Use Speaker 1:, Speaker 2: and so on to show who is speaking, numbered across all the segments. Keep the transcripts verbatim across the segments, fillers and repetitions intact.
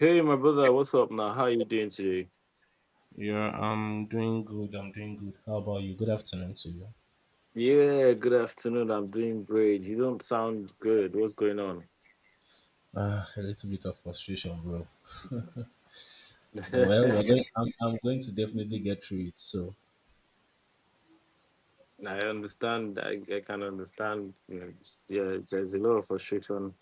Speaker 1: Hey, my brother, what's up now? How you doing today?
Speaker 2: Yeah, I'm doing good. I'm doing good. How about you? Good afternoon to you.
Speaker 1: Yeah, good afternoon. I'm doing great. You don't sound good. What's going on?
Speaker 2: Ah, a little bit of frustration, bro. But well, we're
Speaker 1: I
Speaker 2: going. I'm, I'm going to definitely get through it. So
Speaker 1: understand. I, I can understand. You know, it's- yeah, there's a lot of frustration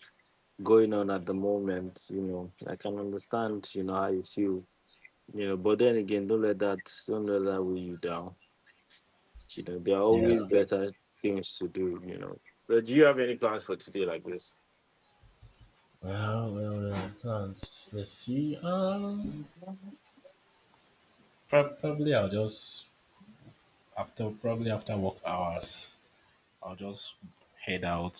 Speaker 1: going on at the moment. You know, I can understand. You know how you feel. You know, but then again, don't let that don't let that weigh you down. You know, there are
Speaker 2: yeah.
Speaker 1: always better things to do. You know, but do you have any plans for today like this?
Speaker 2: Well, well, well. Plans. Let's see. Um, prob- probably I'll just after probably after work hours, I'll just head out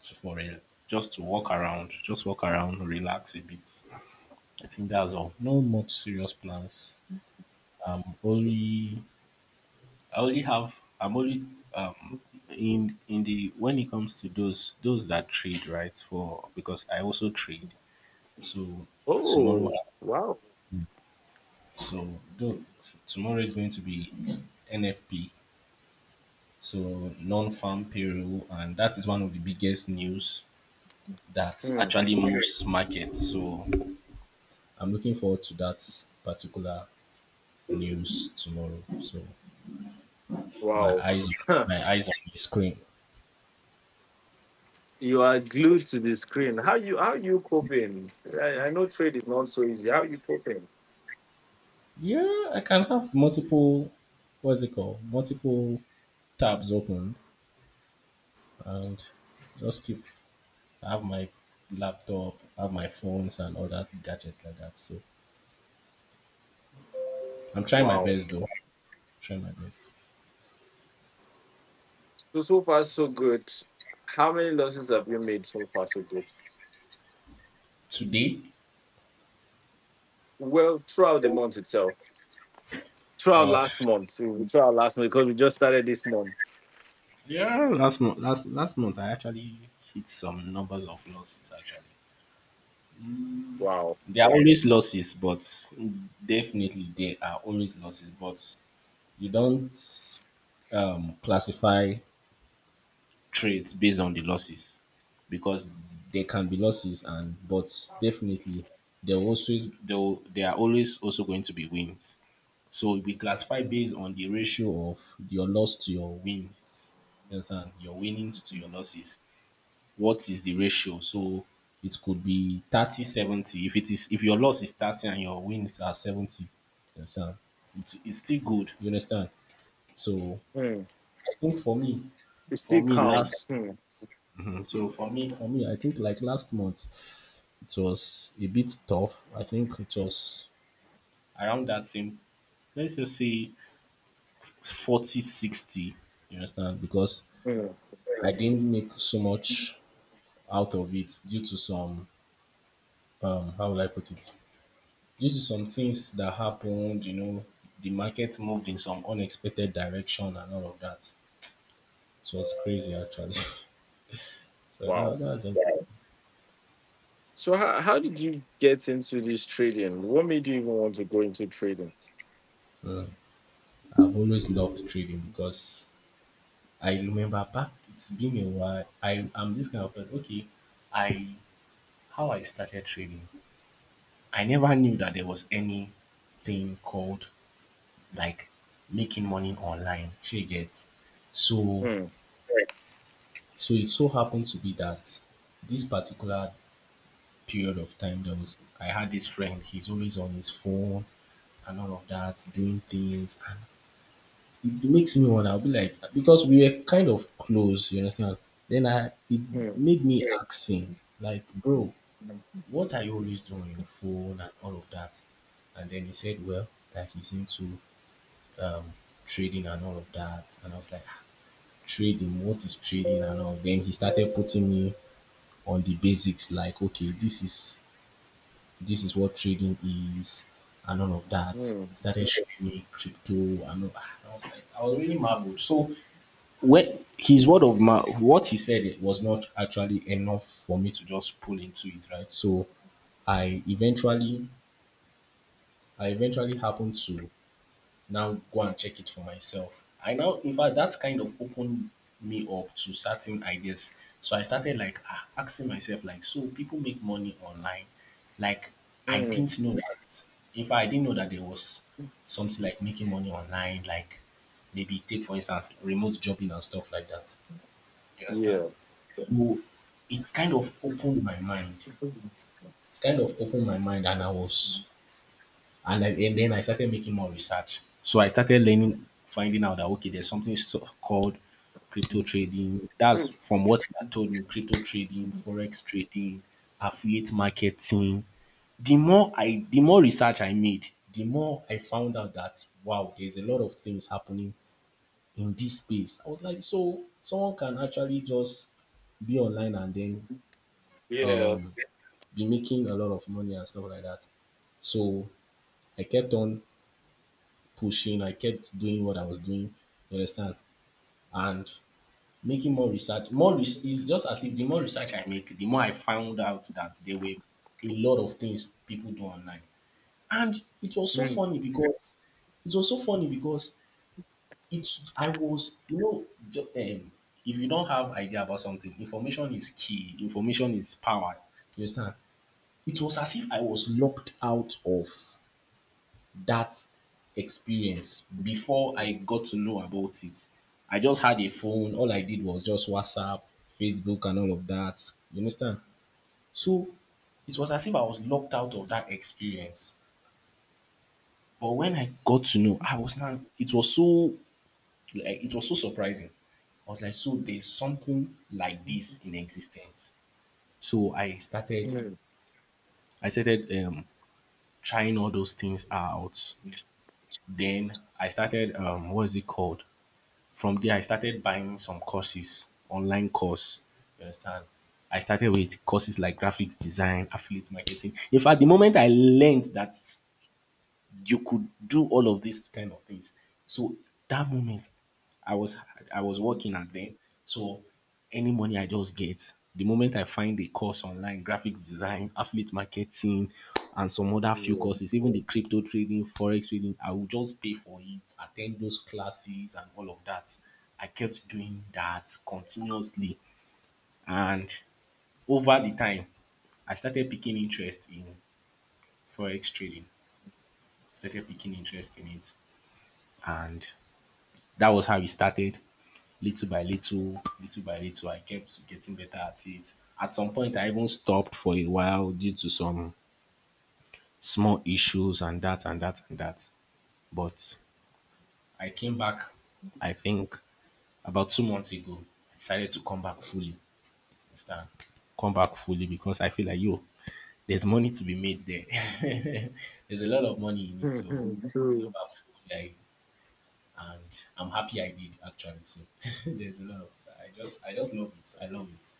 Speaker 2: to- for a just to walk around, just walk around, relax a bit. I think that's all. No much serious plans. Um, only I only have I'm only um in in the when it comes to those those that trade, right, for because I also trade, so tomorrow,
Speaker 1: Oh, wow.
Speaker 2: so though tomorrow is going to be N F P, so non-farm payroll, and that is one of the biggest news that
Speaker 1: Hmm.
Speaker 2: actually moves market. So I'm looking forward to that particular news tomorrow. So my
Speaker 1: Wow.
Speaker 2: eyes my eyes on the screen.
Speaker 1: You are glued to the screen. How you how you coping? I, I know trade is not so easy. How you coping?
Speaker 2: Yeah, I can have multiple, what's it called? Multiple tabs open and just keep, I have my laptop, I have my phones and all that gadget like that. So I'm trying my
Speaker 1: Wow.
Speaker 2: best though. Trying my best.
Speaker 1: So so far so good. How many losses have you made so far so good?
Speaker 2: Today,
Speaker 1: Well, throughout the month itself, throughout
Speaker 2: uh,
Speaker 1: last month, Mm, throughout last month because we just started this month.
Speaker 2: yeah, last month, last, last month I actually hit some numbers of losses actually.
Speaker 1: Wow.
Speaker 2: There are always losses, but definitely there are always losses, but you don't um, classify trades based on the losses, because there can be losses and but definitely there will always there, will, there are always also going to be wins. So we classify based on the ratio of your loss to your wins. You understand? Your winnings to your losses. What is the ratio? So it could be thirty seventy. If it is if your loss is thirty and your wins are seventy, you understand? It's, it's still good, you understand? So
Speaker 1: Hmm.
Speaker 2: I think for me,
Speaker 1: It
Speaker 2: for
Speaker 1: still
Speaker 2: me last
Speaker 1: counts. Hmm.
Speaker 2: Mm, so for me, for me, I think like last month, it was a bit tough. I think it was around that same, let's just say forty sixty. You understand? Because
Speaker 1: Hmm.
Speaker 2: I didn't make so much out of it due to some, um, how will I put it? Due to some things that happened, you know, the market moved in some unexpected direction and all of that. It was crazy actually. So
Speaker 1: Wow.
Speaker 2: that, that's,
Speaker 1: So how, how did you get into this trading? What made you even want to go into trading?
Speaker 2: mm. I've always loved trading because I remember back, it's been a while. I am this kind of person. Okay, I how I started trading. I never knew that there was anything called like making money online. She gets so.
Speaker 1: Hmm.
Speaker 2: Right. So it so happened to be that this particular period of time there was I had this friend, he's always on his phone and all of that, doing things. It makes me wanna be like because we were kind of close, you understand? Then I it
Speaker 1: Hmm.
Speaker 2: made me, yeah, ask him, like, bro, what are you always doing on your phone and all of that? And then he said, well, that he's into um, trading and all of that. And I was like, ah, trading, what is trading and all? Then he started putting me on the basics, like, okay, this is this is what trading is and all of that.
Speaker 1: Hmm.
Speaker 2: Started showing me crypto and all. Ah, I was like, I was really marveled. So when his word of mouth, what he said, it was not actually enough for me to just pull into it, right? So I eventually, I eventually happened to now go and check it for myself. I now, in fact, that's kind of opened me up to certain ideas. So I started like, ah, asking myself, like, so people make money online. Like, I
Speaker 1: Hmm.
Speaker 2: didn't know that. In fact, I didn't know that there was something like making money online, like maybe take for instance remote jobbing and stuff like that. You understand?
Speaker 1: Yeah.
Speaker 2: So it's kind of opened my mind. It's kind of opened my mind, and I was, and, I, and then I started making more research. So I started learning, finding out that okay, there's something so- called crypto trading. That's
Speaker 1: Hmm.
Speaker 2: from what he had told me: crypto trading, forex trading, affiliate marketing. The more I, the more research I made, the more I found out that wow, there's a lot of things happening in this space. I was like, so someone can actually just be online and then
Speaker 1: Yeah.
Speaker 2: um, be making a lot of money and stuff like that. So I kept on pushing. I kept doing what I was doing. You understand? And making more research. More res- is just as if the more research I make, the more I found out that there were a lot of things people do online. And it was so
Speaker 1: Hmm.
Speaker 2: funny because it was so funny because it's I was you know ju- um, if you don't have idea about something, information is key. Information is power. You understand? It was as if I was locked out of that experience before I got to know about it. I just had a phone. All I did was just WhatsApp, Facebook, and all of that. You understand? So it was as if I was locked out of that experience. But when I got to know, I was now. It was so, like, it was so surprising. I was like, so there's something like this in existence. So I started.
Speaker 1: Mm.
Speaker 2: I started um, trying all those things out.
Speaker 1: Yeah.
Speaker 2: Then I started um what is it called? From there I started buying some courses, online course. You understand? I started with courses like graphics design, affiliate marketing. In fact, the moment I learned that you could do all of these kind of things. So that moment, I was I was working at then. So any money I just get, the moment I find a course online, graphics design, affiliate marketing, and some other few courses, even the crypto trading, forex trading, I will just pay for it, attend those classes and all of that. I kept doing that continuously, and over the time, I started picking interest in forex trading. Started picking interest in it, and that was how it started. Little by little, little by little, I kept getting better at it. At some point, I even stopped for a while due to some small issues and that and that and that. But I came back, I think, about two months ago. I decided to come back fully. Understand? Come back fully because I feel like, yo, there's money to be made there. There's a lot of money in it. So
Speaker 1: Mhm.
Speaker 2: I came
Speaker 1: So
Speaker 2: back fully. I and I'm happy I did actually. So there's a lot. Of, I just I just love it. I love it.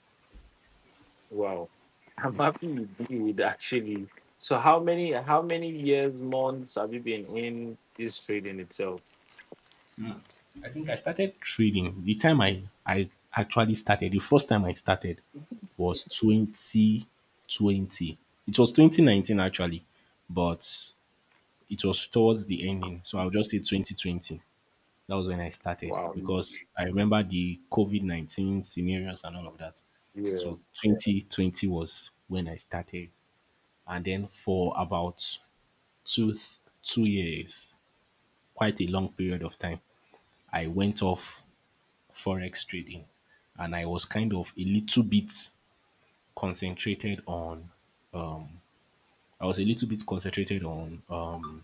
Speaker 1: wow, I'm happy you did actually. So how many how many years months have you been in this trade in itself?
Speaker 2: I think I started trading the time I I actually started. The first time I started was twenty twenty. It was twenty nineteen actually, but it was towards the ending. So I'll just say twenty twenty. That was when I started
Speaker 1: Wow.
Speaker 2: because I remember the COVID nineteen scenarios and all of that.
Speaker 1: Yeah.
Speaker 2: So twenty twenty was when I started. And then for about two two years, quite a long period of time, I went off forex trading and I was kind of a little bit concentrated on I was a little bit concentrated on um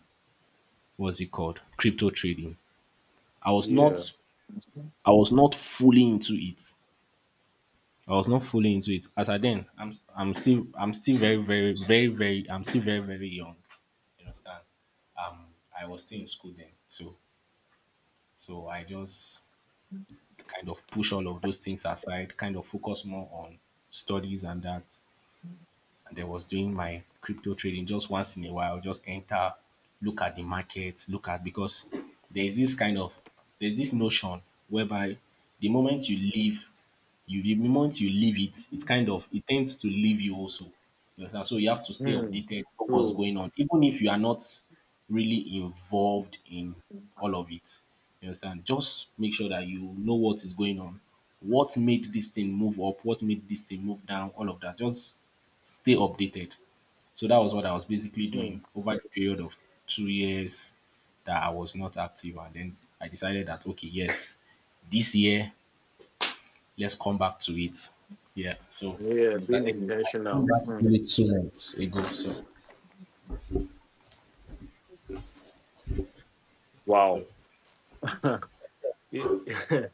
Speaker 2: what's it called? Crypto trading. I was not
Speaker 1: Yeah.
Speaker 2: I was not fully into it. I was not fully into it. As I then I'm I'm still I'm still very very very very I'm still very very young. You understand? Um I was still in school then. So so I just kind of push all of those things aside, kind of focus more on studies and that, and then was doing my crypto trading just once in a while, just enter, look at the market, look at, because there's this kind of, there's this notion whereby the moment you leave, you the moment you leave it, it kind of, it tends to leave you also, you understand? So you have to stay
Speaker 1: Mm.
Speaker 2: updated, know what's
Speaker 1: True.
Speaker 2: going on, even if you are not really involved in all of it, you understand? Just make sure that you know what is going on, what made this thing move up, what made this thing move down, all of that, just stay updated. So that was what I was basically
Speaker 1: Mm.
Speaker 2: doing over the period of two years that I was not active. And then I decided that, okay, yes, this year, let's come back to it. Yeah. So
Speaker 1: Yeah. Being
Speaker 2: started, I came
Speaker 1: intentional.
Speaker 2: back
Speaker 1: Mm.
Speaker 2: maybe two months ago. So, so,
Speaker 1: Wow. You-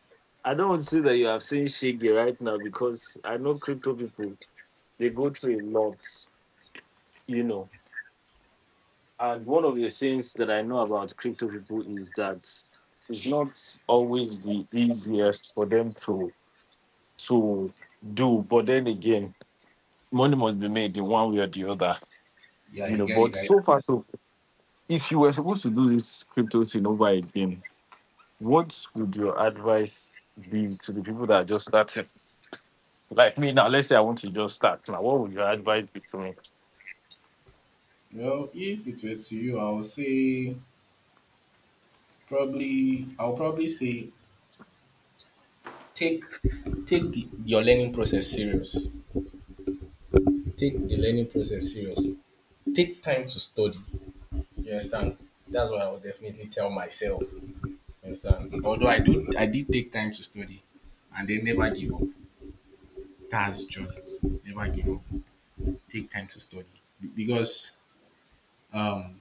Speaker 1: I don't want to say that you have seen Shiggy right now, because I know crypto people, they go through a lot, you know. And one of the things that I know about crypto people is that it's not always the easiest for them to to do. But then again, money must be made in one way or the other.
Speaker 2: yeah,
Speaker 1: You
Speaker 2: you
Speaker 1: know,
Speaker 2: get it,
Speaker 1: but
Speaker 2: right?
Speaker 1: so far so if you were supposed to do this crypto thing over again, what would your advice be to the people that are just starting? Like me now, let's say I want to just start. Now, what would your advice be to me?
Speaker 2: Well, if it were to you, I would say probably I'll probably say take take the- your learning process serious. Take the learning process serious. Take time to study. You understand? That's what I would definitely tell myself. You understand? Although I do, I did take time to study, and they never give up. That's just it. Never give up. Take time to study, Be- because um.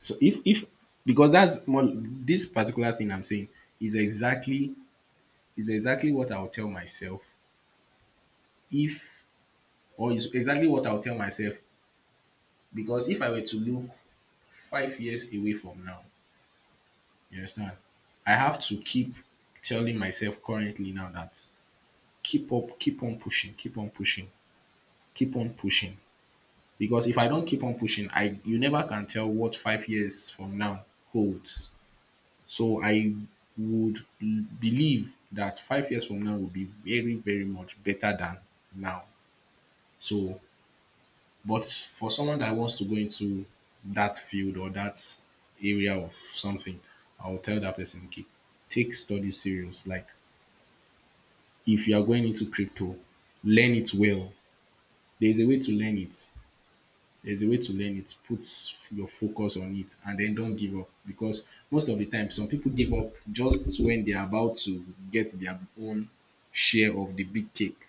Speaker 2: So if if because that's more this particular thing I'm saying is exactly is exactly what I would tell myself if or is exactly what I would tell myself because if I were to look five years away from now, you understand? I have to keep telling myself currently now that keep up, keep on pushing, keep on pushing, keep on pushing. Because if I don't keep on pushing, I you never can tell what five years from now holds. So I would l- believe that five years from now will be very, very much better than now. So, but for someone that wants to go into that field or that area of something, I will tell that person, okay, take study serious. Like if you are going into crypto, learn it well. There is a way to learn it. There's a way to learn it. Put your focus on it and then don't give up because most of the time, some people give up just when they're about to get their own share of the big cake.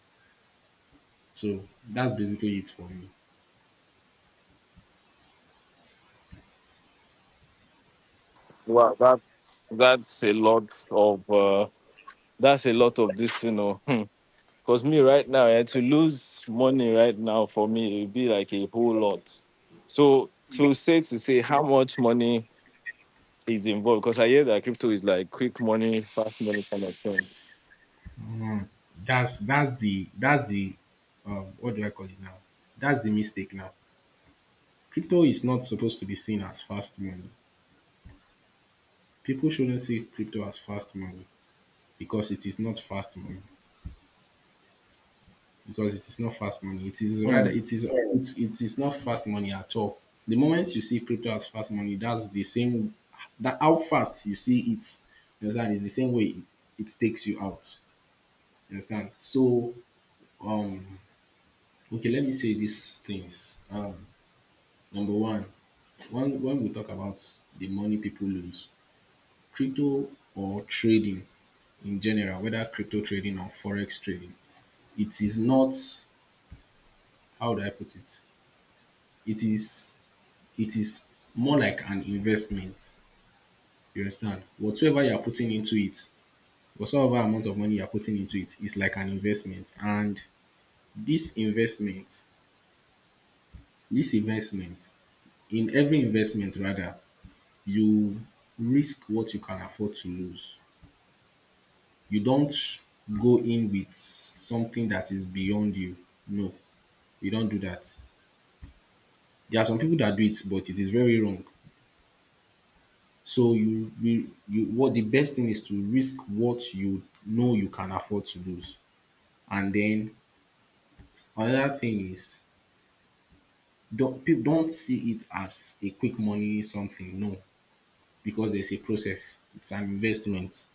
Speaker 2: So that's basically it for me.
Speaker 1: Well, that's that's a lot of uh, that's a lot of this, you know. Because me right now, eh, to lose money right now for me, it would be like a whole lot. So to say to say how much money is involved, because I hear that crypto is like quick money, fast money kind of thing.
Speaker 2: That's that's the that's the um, what do I call it now? That's the mistake now. Crypto is not supposed to be seen as fast money. People shouldn't see crypto as fast money because it is not fast money. Because it is not fast money. It is rather
Speaker 1: Mm,
Speaker 2: it is it's, it is not fast money at all. The moment you see crypto as fast money, that's the same that how fast you see it. You understand? It's the same way it, it takes you out. You understand? So um okay, let me say these things. Um number one, when when we talk about the money people lose, crypto or trading in general, whether crypto trading or forex trading, it is not, how do I put it? It is it is more like an investment. You understand? Whatsoever you are putting into it, whatsoever amount of money you are putting into it is like an investment. And this investment, this investment, in every investment rather, you risk what you can afford to lose. You don't go in with something that is beyond you. No, you don't do that. There are some people that do it, but it is very wrong. So you you you what the best thing is to risk what you know you can afford to lose. And then another thing is don't, people don't see it as a quick money something, no, because there's a process. It's an investment.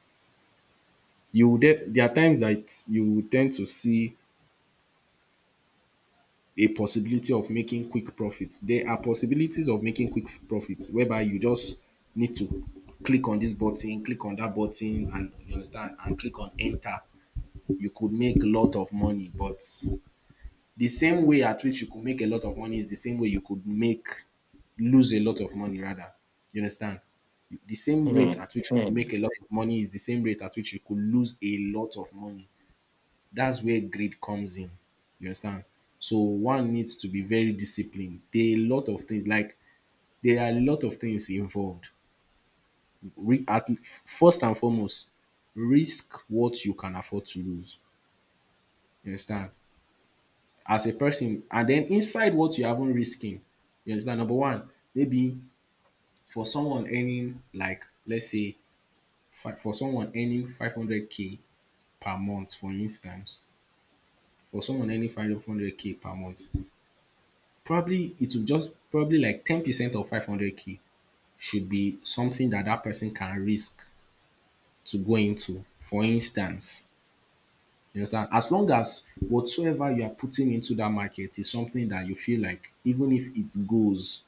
Speaker 2: You will de- there are times that you will tend to see a possibility of making quick profits. There are possibilities of making quick f- profits whereby you just need to click on this button, click on that button, and you understand, and click on enter, you could make a lot of money. But the same way at which you could make a lot of money is the same way you could make, lose a lot of money rather. You understand? The same rate
Speaker 1: mm,
Speaker 2: at which you could
Speaker 1: mm,
Speaker 2: make a lot of money is the same rate at which you could lose a lot of money. That's where greed comes in. You understand? So one needs to be very disciplined. There are a lot of things like there are a lot of things involved. Re- at, first and foremost, risk what you can afford to lose. You understand? As a person. And then inside what you're even risking, you understand? Number one, maybe for someone earning like, let's say, fi- for someone earning five hundred k per month, for instance, for someone earning five hundred k per month, probably it will just probably like ten percent of five hundred k should be something that that person can risk to go into. For instance, you understand? As long as whatsoever you are putting into that market is something that you feel like even if it goes,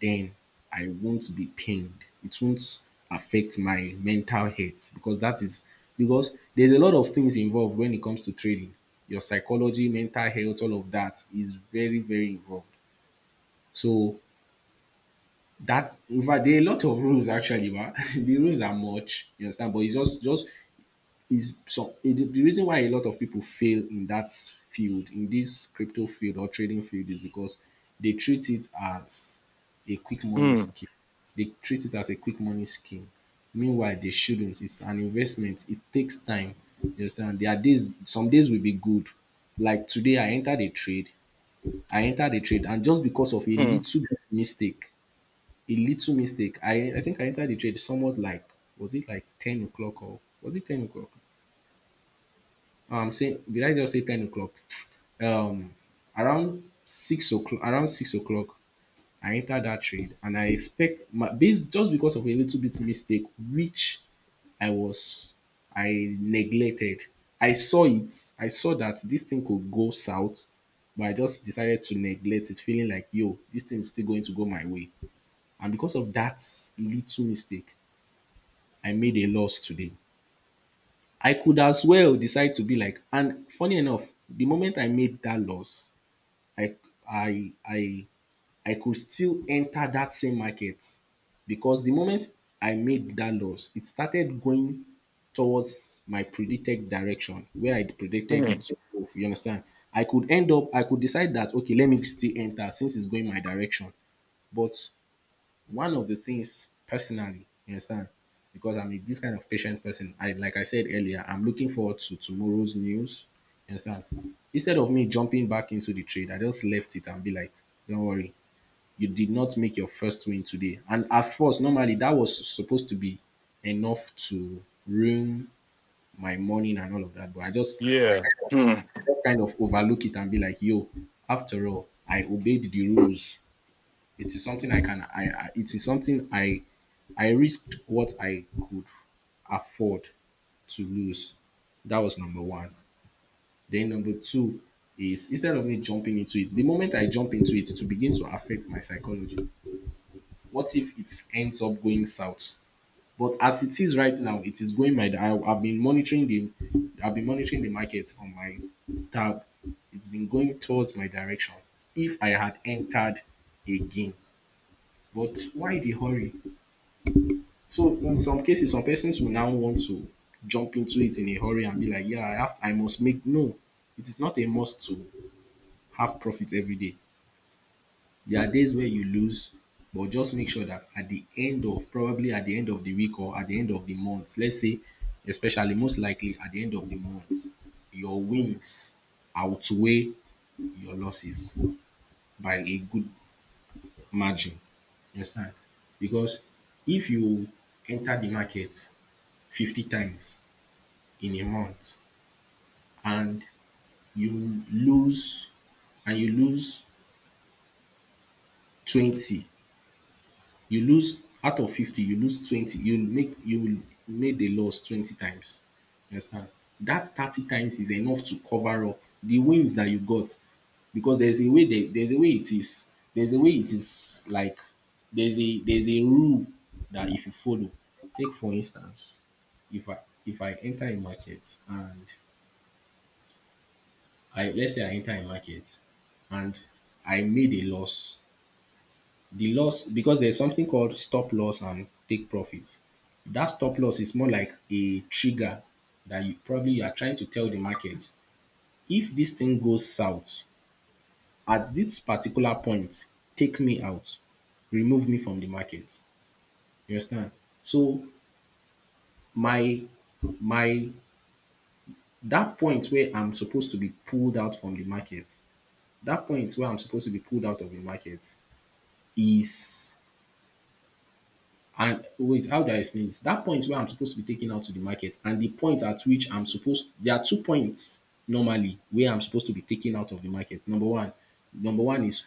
Speaker 2: then I won't be pained. It won't affect my mental health because that is, because there's a lot of things involved when it comes to trading. Your psychology, mental health, all of that is very, very involved. So that, in fact, there are a lot of rules actually, but the rules are much, you understand? But it's just just is so it, the reason why a lot of people fail in that field, in this crypto field or trading field, is because they treat it as a quick money
Speaker 1: mm,
Speaker 2: scheme. They treat it as a quick money scheme, meanwhile they shouldn't. It's an investment, it takes time. You understand? There are days, some days will be good, like today I entered a trade. I entered a trade and just because of a
Speaker 1: mm,
Speaker 2: little bit mistake, a little mistake, i i think I entered the trade somewhat like, was it like ten o'clock or was it ten o'clock? um say, did I just say ten o'clock? Um Around six o'clock, around six o'clock I entered that trade and I expect my based, just because of a little bit mistake which I was, I neglected. I saw it. I saw that this thing could go south, but I just decided to neglect it, feeling like, yo, this thing is still going to go my way. And because of that little mistake, I made a loss today. I could as well decide to be like, and funny enough, the moment I made that loss, I I I I could still enter that same market because the moment I made that loss, it started going towards my predicted direction where I predicted it
Speaker 1: mm.
Speaker 2: to go. You understand? I could end up, I could decide that, okay, let me still enter since it's going my direction. But one of the things personally, you understand, because I'm a, this kind of patient person, I, like I said earlier, I'm looking forward to tomorrow's news. You understand? Instead of me jumping back into the trade, I just left it and be like, don't worry, you did not make your first win today. And at first, normally that was supposed to be enough to ruin my morning and all of that, but I just
Speaker 1: Yeah.
Speaker 2: kind of,
Speaker 1: Mm,
Speaker 2: just kind of overlook it and be like, yo, after all, I obeyed the rules. It is something I can, I, I it is something I I risked what I could afford to lose. That was number one. Then number two is, instead of me jumping into it, the moment I jump into it, to begin to affect my psychology. What if it ends up going south? But as it is right now, it is going my. I, I've been monitoring the, I've been monitoring the markets on my tab. It's been going towards my direction. If I had entered again, but why the hurry? So in some cases, some persons will now want to jump into it in a hurry and be like, yeah, I have, I must make. No, it is not a must to have profit every day. There are days where you lose, but just make sure that at the end of probably at the end of the week or at the end of the month, let's say, especially most likely at the end of the month, your wins outweigh your losses by a good margin. You understand? Because if you enter the market fifty times in a month and you lose, and you lose twenty, you lose out of fifty you lose twenty, you make, you made the loss twenty times. You understand? That thirty times is enough to cover up the wins that you got because there's a way, there there's a way it is, there's a way it is like, there's a there's a rule that if you follow, take for instance, if i if I enter a market and, I, let's say I enter a market and I made a loss. The loss, because there's something called stop loss and take profits. That stop loss is more like a trigger that you probably, you are trying to tell the market, if this thing goes south at this particular point, take me out, remove me from the market. You understand? So my my that point where I'm supposed to be pulled out from the market, that point where I'm supposed to be pulled out of the market is, and wait, how do I explain this? That point where I'm supposed to be taken out to the market and the point at which I'm supposed, there are two points normally where I'm supposed to be taken out of the market. Number one, number one is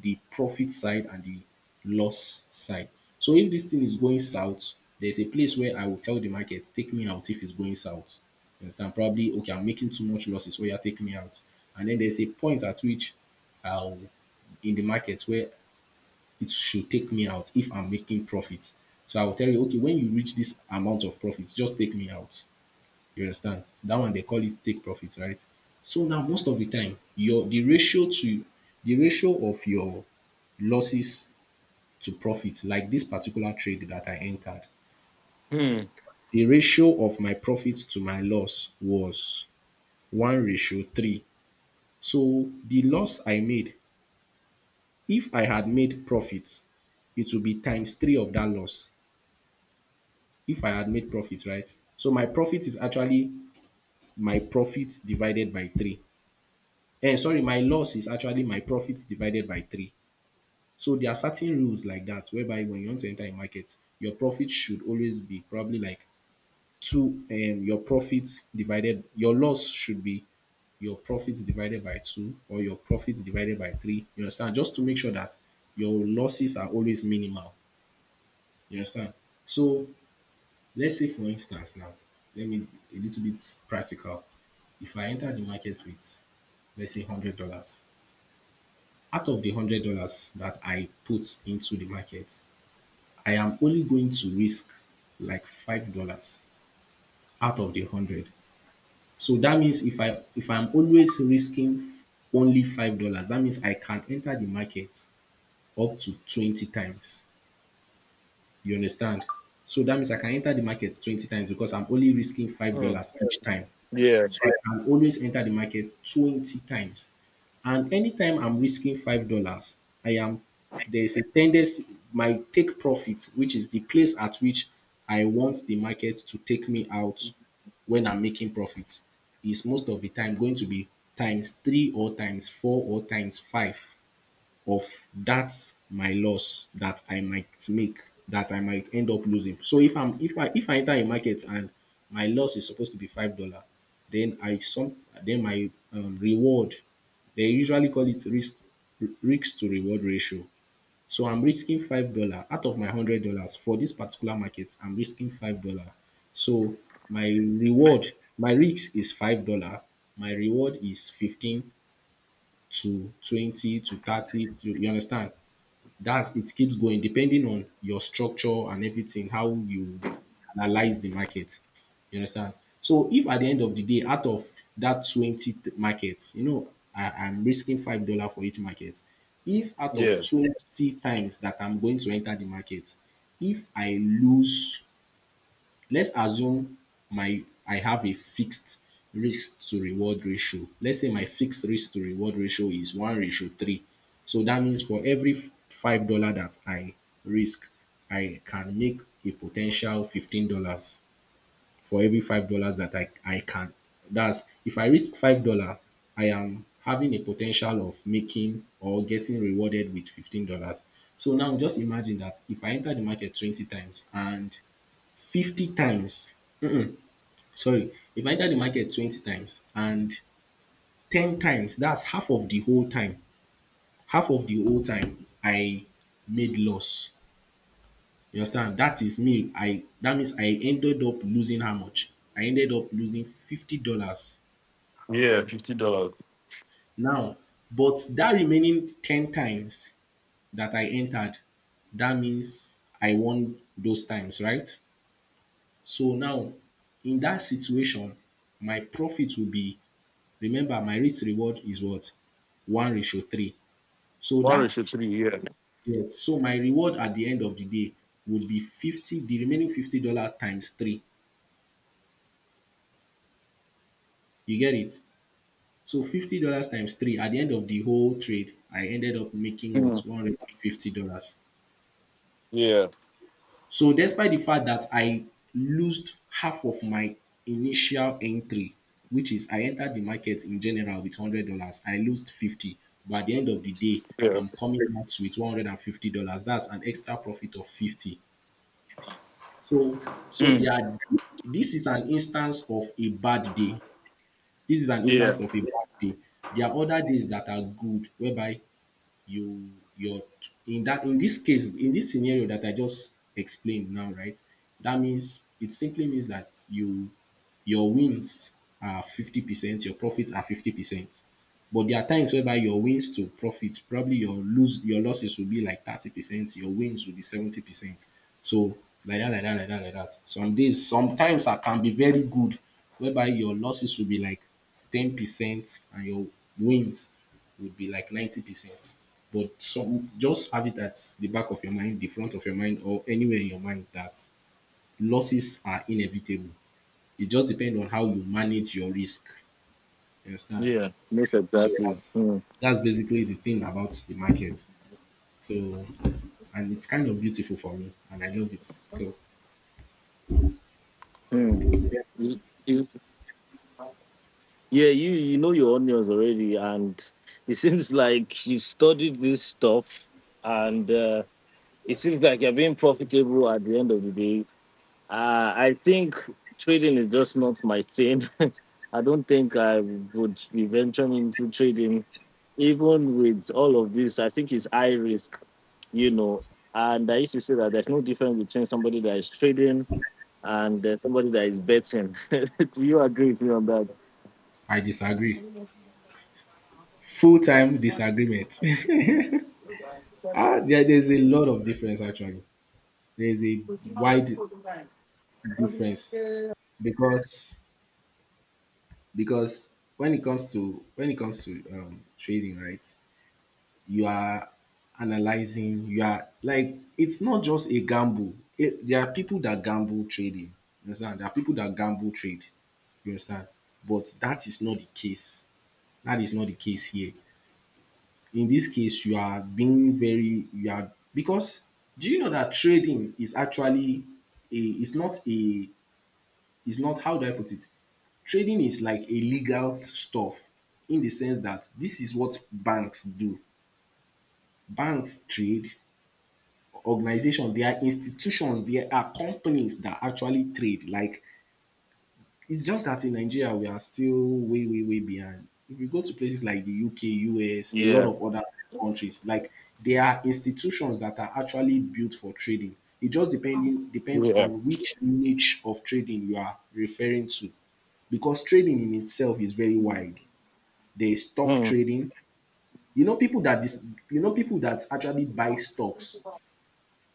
Speaker 2: the profit side and the loss side. So if this thing is going south, there's a place where I will tell the market, take me out if it's going south. You understand? Probably, okay, I'm making too much losses, so yeah, take me out. And then there's a point at which I'll, in the market where it should take me out if I'm making profit. So I will tell you, okay, when you reach this amount of profits, just take me out. You understand? That one they call it take profits, right? So now, most of the time, your the ratio to the ratio of your losses to profits, like this particular trade that I entered,
Speaker 1: mm,
Speaker 2: the ratio of my profits to my loss was one ratio three. So the loss I made, if I had made profits, it would be times three of that loss, if I had made profit, right? So my profit is actually my profit divided by three. And sorry, my loss is actually my profit divided by three. So there are certain rules like that, whereby when you want to enter a market, your profit should always be probably like two um your profit divided, your loss should be your profit divided by two or your profit divided by three. You understand? Just to make sure that your losses are always minimal. You understand? So, let's say, for instance, now, let me, a little bit practical. If I enter the market with, let's say, one hundred dollars out of the one hundred dollars that I put into the market, I am only going to risk like five dollars out of the one hundred. So that means if I if I'm always risking f- only five dollars that means I can enter the market up to twenty times. You understand? So that means I can enter the market twenty times because I'm only risking
Speaker 1: mm.
Speaker 2: five dollars each time.
Speaker 1: Yeah.
Speaker 2: So I can always enter the market twenty times. And anytime I'm risking five dollars I am there's a tendency my take profit, which is the place at which I want the market to take me out when I'm making profits, is most of the time going to be times three or times four or times five of that my loss that I might make, that I might end up losing. So if I'm if I if I enter a market and my loss is supposed to be five dollar, then I some then my um, reward, they usually call it risk risk to reward ratio. So I'm risking five dollar out of my hundred dollars for this particular market. I'm risking five dollar. So my reward, my risk is five dollar. My reward is fifteen to twenty to thirty. To, you understand? That's it keeps going depending on your structure and everything, how you analyze the market. You understand? So if at the end of the day, out of that twenty t- markets, you know, I, I'm risking five dollar for each market. If out of
Speaker 1: Yeah.
Speaker 2: twenty times that I'm going to enter the market, if I lose, let's assume my, I have a fixed risk to reward ratio. Let's say my fixed risk to reward ratio is one ratio three. So that means for every five dollar that I risk, I can make a potential fifteen dollars for every five dollars that I I can. That's if I risk five dollar, I am having a potential of making or getting rewarded with fifteen dollars. So now just imagine that if I enter the market twenty times and fifty times Sorry, if I enter the market twenty times and ten times, that's half of the whole time. Half of the whole time I made loss. You understand? That is me. I that means I ended up losing how much? I ended up losing fifty dollars.
Speaker 1: Yeah. Fifty dollars.
Speaker 2: Now, but that remaining ten times that I entered, that means I won those times, right? So now, in that situation, my profit will be remember, my risk reward is what? One ratio three. So
Speaker 1: One
Speaker 2: that
Speaker 1: ratio
Speaker 2: f-
Speaker 1: three. Yeah.
Speaker 2: yes, so my reward at the end of the day would be fifty, the remaining fifty dollar times three. You get it? So fifty dollars times three, at the end of the whole trade, I ended up making what,
Speaker 1: Mm,
Speaker 2: one hundred and fifty dollars.
Speaker 1: yeah.
Speaker 2: So despite the fact that I lost half of my initial entry, which is I entered the market in general with hundred dollars, I lost fifty. But at the end of the day,
Speaker 1: Yeah.
Speaker 2: I'm coming out with one hundred and fifty dollars. That's an extra profit of fifty. So so
Speaker 1: Mm,
Speaker 2: there are, this is an instance of a bad day. This is an
Speaker 1: yeah.
Speaker 2: instance of a bad day. There are other days that are good whereby you, your, in that, in this case, in this scenario that I just explained now, right, that means it simply means that you your wins are fifty percent, your profits are fifty percent, but there are times whereby your wins to profit, probably your lose your losses will be like thirty percent, your wins will be seventy percent. So, like that, like that, like that, like that. Some days, sometimes I can be very good, whereby your losses will be like ten percent and your wins would be like ninety percent. But some, just have it at the back of your mind, the front of your mind, or anywhere in your mind that losses are inevitable. It just depends on how you manage your risk. You understand?
Speaker 1: Yeah. Most
Speaker 2: So
Speaker 1: exactly.
Speaker 2: that's
Speaker 1: Mm,
Speaker 2: that's basically the thing about the market. So, and it's kind of beautiful for me and I love it. So
Speaker 1: mm. Is- is- Yeah, you you know your onions already, and it seems like you studied this stuff, and uh, it seems like you're being profitable at the end of the day. Uh, I think trading is just not my thing. I don't think I would be venturing into trading, even with all of this. I think it's high risk, you know. And I used to say that there's no difference between somebody that is trading and uh, somebody that is betting. Do you agree with me on that?
Speaker 2: I disagree. Full time disagreement. ah, there, there's a lot of difference actually. There's a wide difference, because because when it comes to when it comes to, um, trading, right? You are analyzing, you are, like, it's not just a gamble. It, there are people that gamble trading. You understand? There are people that gamble trade. You understand? But that is not the case. That is not the case here. In this case, you are being very, you are because, do you know that trading is actually a it's not a it's not how do I put it? Trading is like a legal stuff, in the sense that this is what banks do. Banks trade, organizations, there are institutions, there are companies that actually trade. Like, it's just that in Nigeria we are still way, way, way behind. If you go to places like the U K, U S, a lot
Speaker 1: Yeah.
Speaker 2: of other countries, like, there are institutions that are actually built for trading. It just depending depends
Speaker 1: Yeah.
Speaker 2: on which niche of trading you are referring to. Because trading in itself is very wide. There is stock
Speaker 1: Mm.
Speaker 2: trading. You know people that this you know people that actually buy stocks.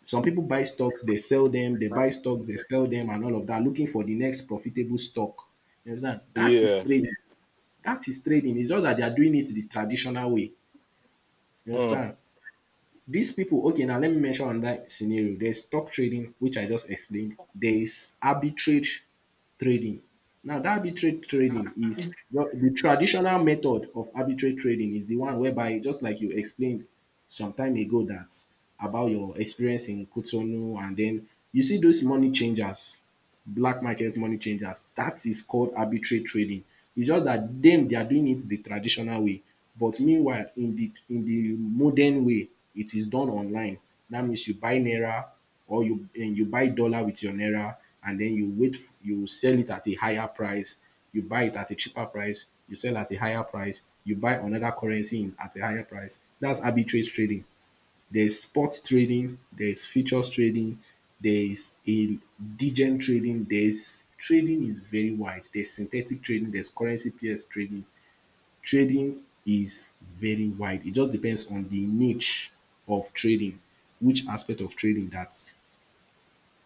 Speaker 2: Some people buy stocks, they sell them, they buy stocks, they sell them, and all of that, looking for the next profitable stock. You understand? That is
Speaker 1: Yeah.
Speaker 2: trading. That is trading. It's just that they are doing it the traditional way. You
Speaker 1: Mm.
Speaker 2: understand? These people, okay, now let me mention another scenario. There's stock trading, which I just explained. There is arbitrage trading. Now, that arbitrage trading is the, the traditional method of arbitrage trading is the one whereby, just like you explained some time ago, that about your experience in Cotonou, and then you see those money changers black market money changers. That is called arbitrage trading. It's just that dem, they are doing it the traditional way. But meanwhile, in the, in the modern way, it is done online. That means you buy naira, or you um you buy dollar with your naira, and then you wait f- you sell it at a higher price. You buy it at a cheaper price, you sell at a higher price, you buy another currency in at a higher price. That's arbitrage trading. There's sports trading, there's futures trading, there's a degen trading, there's trading is very wide. There's synthetic trading, there's currency pairs trading. Trading is very wide. It just depends on the niche of trading, which aspect of trading that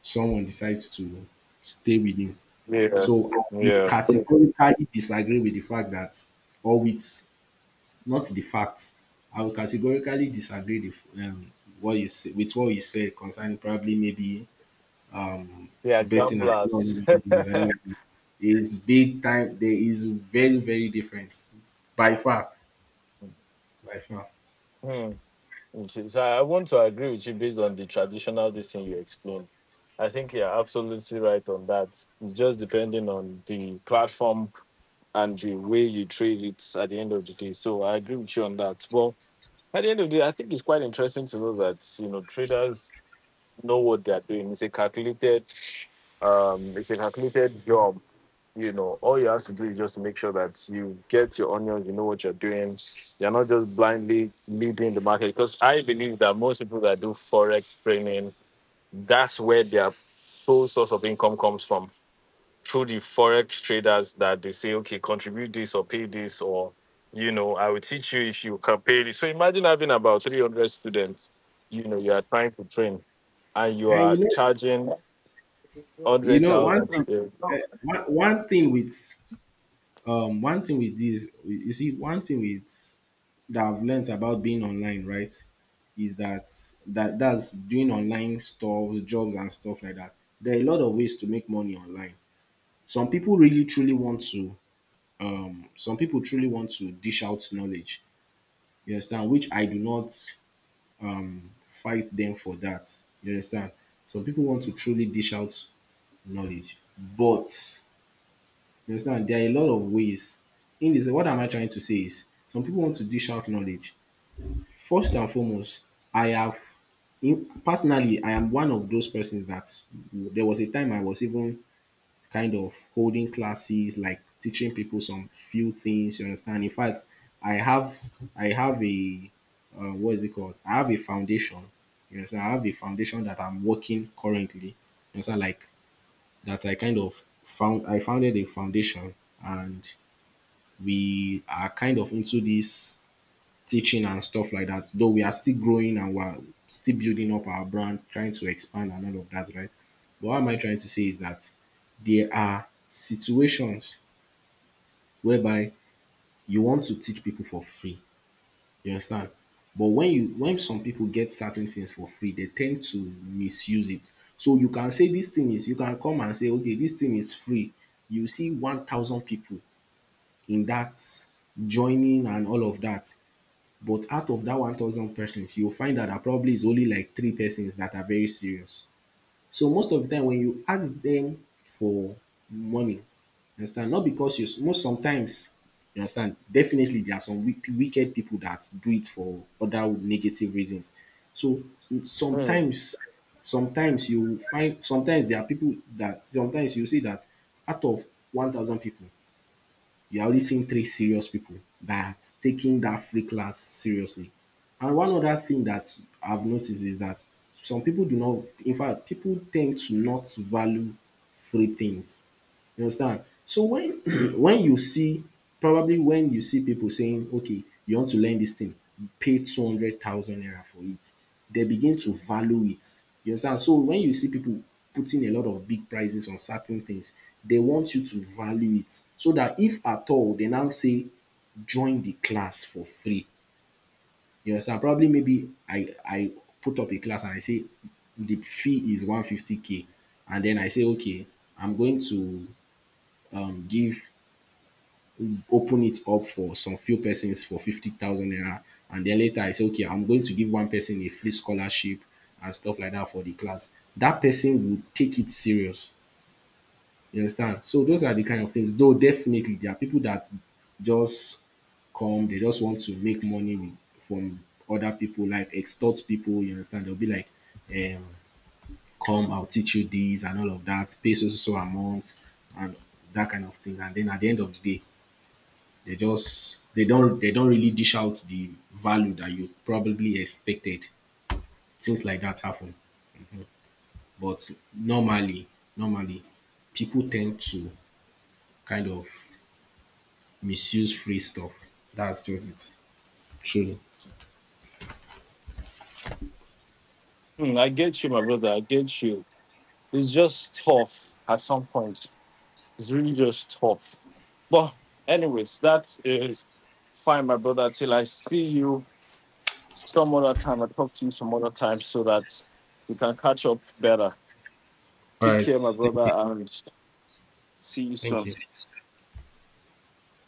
Speaker 2: someone decides to stay within.
Speaker 1: Yeah.
Speaker 2: So I would
Speaker 1: Yeah.
Speaker 2: categorically disagree with the fact that, or with, not the fact. I will categorically disagree the, um, what you say, with what you said concerning probably maybe
Speaker 1: Yeah,
Speaker 2: betting,
Speaker 1: gamblers.
Speaker 2: and is big time. There is very, very different, by far, by far.
Speaker 1: Hmm. Okay, so I want to agree with you based on the traditional this thing you explained. I think you're absolutely right on that. It's just depending on the platform and the way you trade it at the end of the day. So I agree with you on that. Well, at the end of the day, I think it's quite interesting to know that you know traders know what they're doing. It's a calculated um it's a calculated job you know All you have to do is just make sure that you get your onions, you know what you're doing. You're not just blindly leading the market, because I believe that most people that do forex training, that's where their sole source of income comes from, through the forex traders that they say, okay, contribute this or pay this, or you know I will teach you if you can pay this. So imagine having about three hundred students, you know you are trying to train, and you
Speaker 2: And
Speaker 1: are
Speaker 2: you know,
Speaker 1: charging
Speaker 2: you know one
Speaker 1: one hundred thousand. No.
Speaker 2: thing.
Speaker 1: Yeah.
Speaker 2: eh, One, one thing with, um one thing with this you see one thing with that I've learned about being online, right, is that that that's doing online stuff, jobs and stuff like that. There are a lot of ways to make money online. some people really truly want to um some people truly want to dish out knowledge, you understand, which I do not, um fight them for that, you understand. Some people want to truly dish out knowledge, but you understand, there are a lot of ways. In this, what am I trying to say, is some people want to dish out knowledge. First and foremost, I have in, personally, I am one of those persons that, there was a time I was even kind of holding classes, like teaching people some few things. You understand? In fact, I have, I have a uh, what is it called? I have a foundation. You understand? I have a foundation that I'm working currently. You understand? Like, that I kind of found I founded a foundation, and we are kind of into this teaching and stuff like that, though we are still growing and we're still building up our brand, trying to expand and all of that, right? But what am I trying to say is that there are situations whereby you want to teach people for free. You understand? But when you, when some people get certain things for free, they tend to misuse it. So you can say this thing is, you can come and say, okay, this thing is free. You see one thousand people, in that joining and all of that. But out of that one thousand persons, you'll find out that probably it's only like three persons that are very serious. So most of the time, when you ask them for money, understand, not because you, most sometimes, you understand, definitely there are some wick- wicked people that do it for other negative reasons. So
Speaker 1: Hmm.
Speaker 2: sometimes, sometimes you find sometimes there are people that sometimes you see that out of one thousand people, you're only seeing three serious people that's taking that free class seriously. And one other thing that I've noticed is that some people do not, in fact, people tend to not value free things. You understand? So when when you see probably when you see people saying, okay, you want to learn this thing, pay two hundred thousand naira for it, they begin to value it. You understand? So when you see people putting a lot of big prices on certain things, they want you to value it, so that if at all they now say join the class for free. You understand? Probably maybe I I put up a class and I say the fee is one hundred fifty k, and then I say, okay, I'm going to um give open it up for some few persons for fifty thousand naira. And then later I say, okay, I'm going to give one person a free scholarship and stuff like that for the class. That person will take it serious. You understand? So those are the kind of things. Though definitely there are people that just come, they just want to make money with- from other people, like extort people, you understand? They'll be like, um, come, I'll teach you this and all of that, pay so so so amount, and that kind of thing. And then at the end of the day, they just, they don't they don't really dish out the value that you probably expected. Things like that happen. But normally, normally, people tend to kind of misuse free stuff. That's just it. Truly.
Speaker 1: Hmm, I get you, my brother, I get you. It's just tough at some point. It's really just tough. But anyways, that is fine, my brother. Till I see you some other time. I talk to you some other time so that we can catch up better.
Speaker 2: All
Speaker 1: Take
Speaker 2: right.
Speaker 1: care, my brother,
Speaker 2: Thank you.
Speaker 1: and see you
Speaker 2: Thank
Speaker 1: soon.
Speaker 2: you.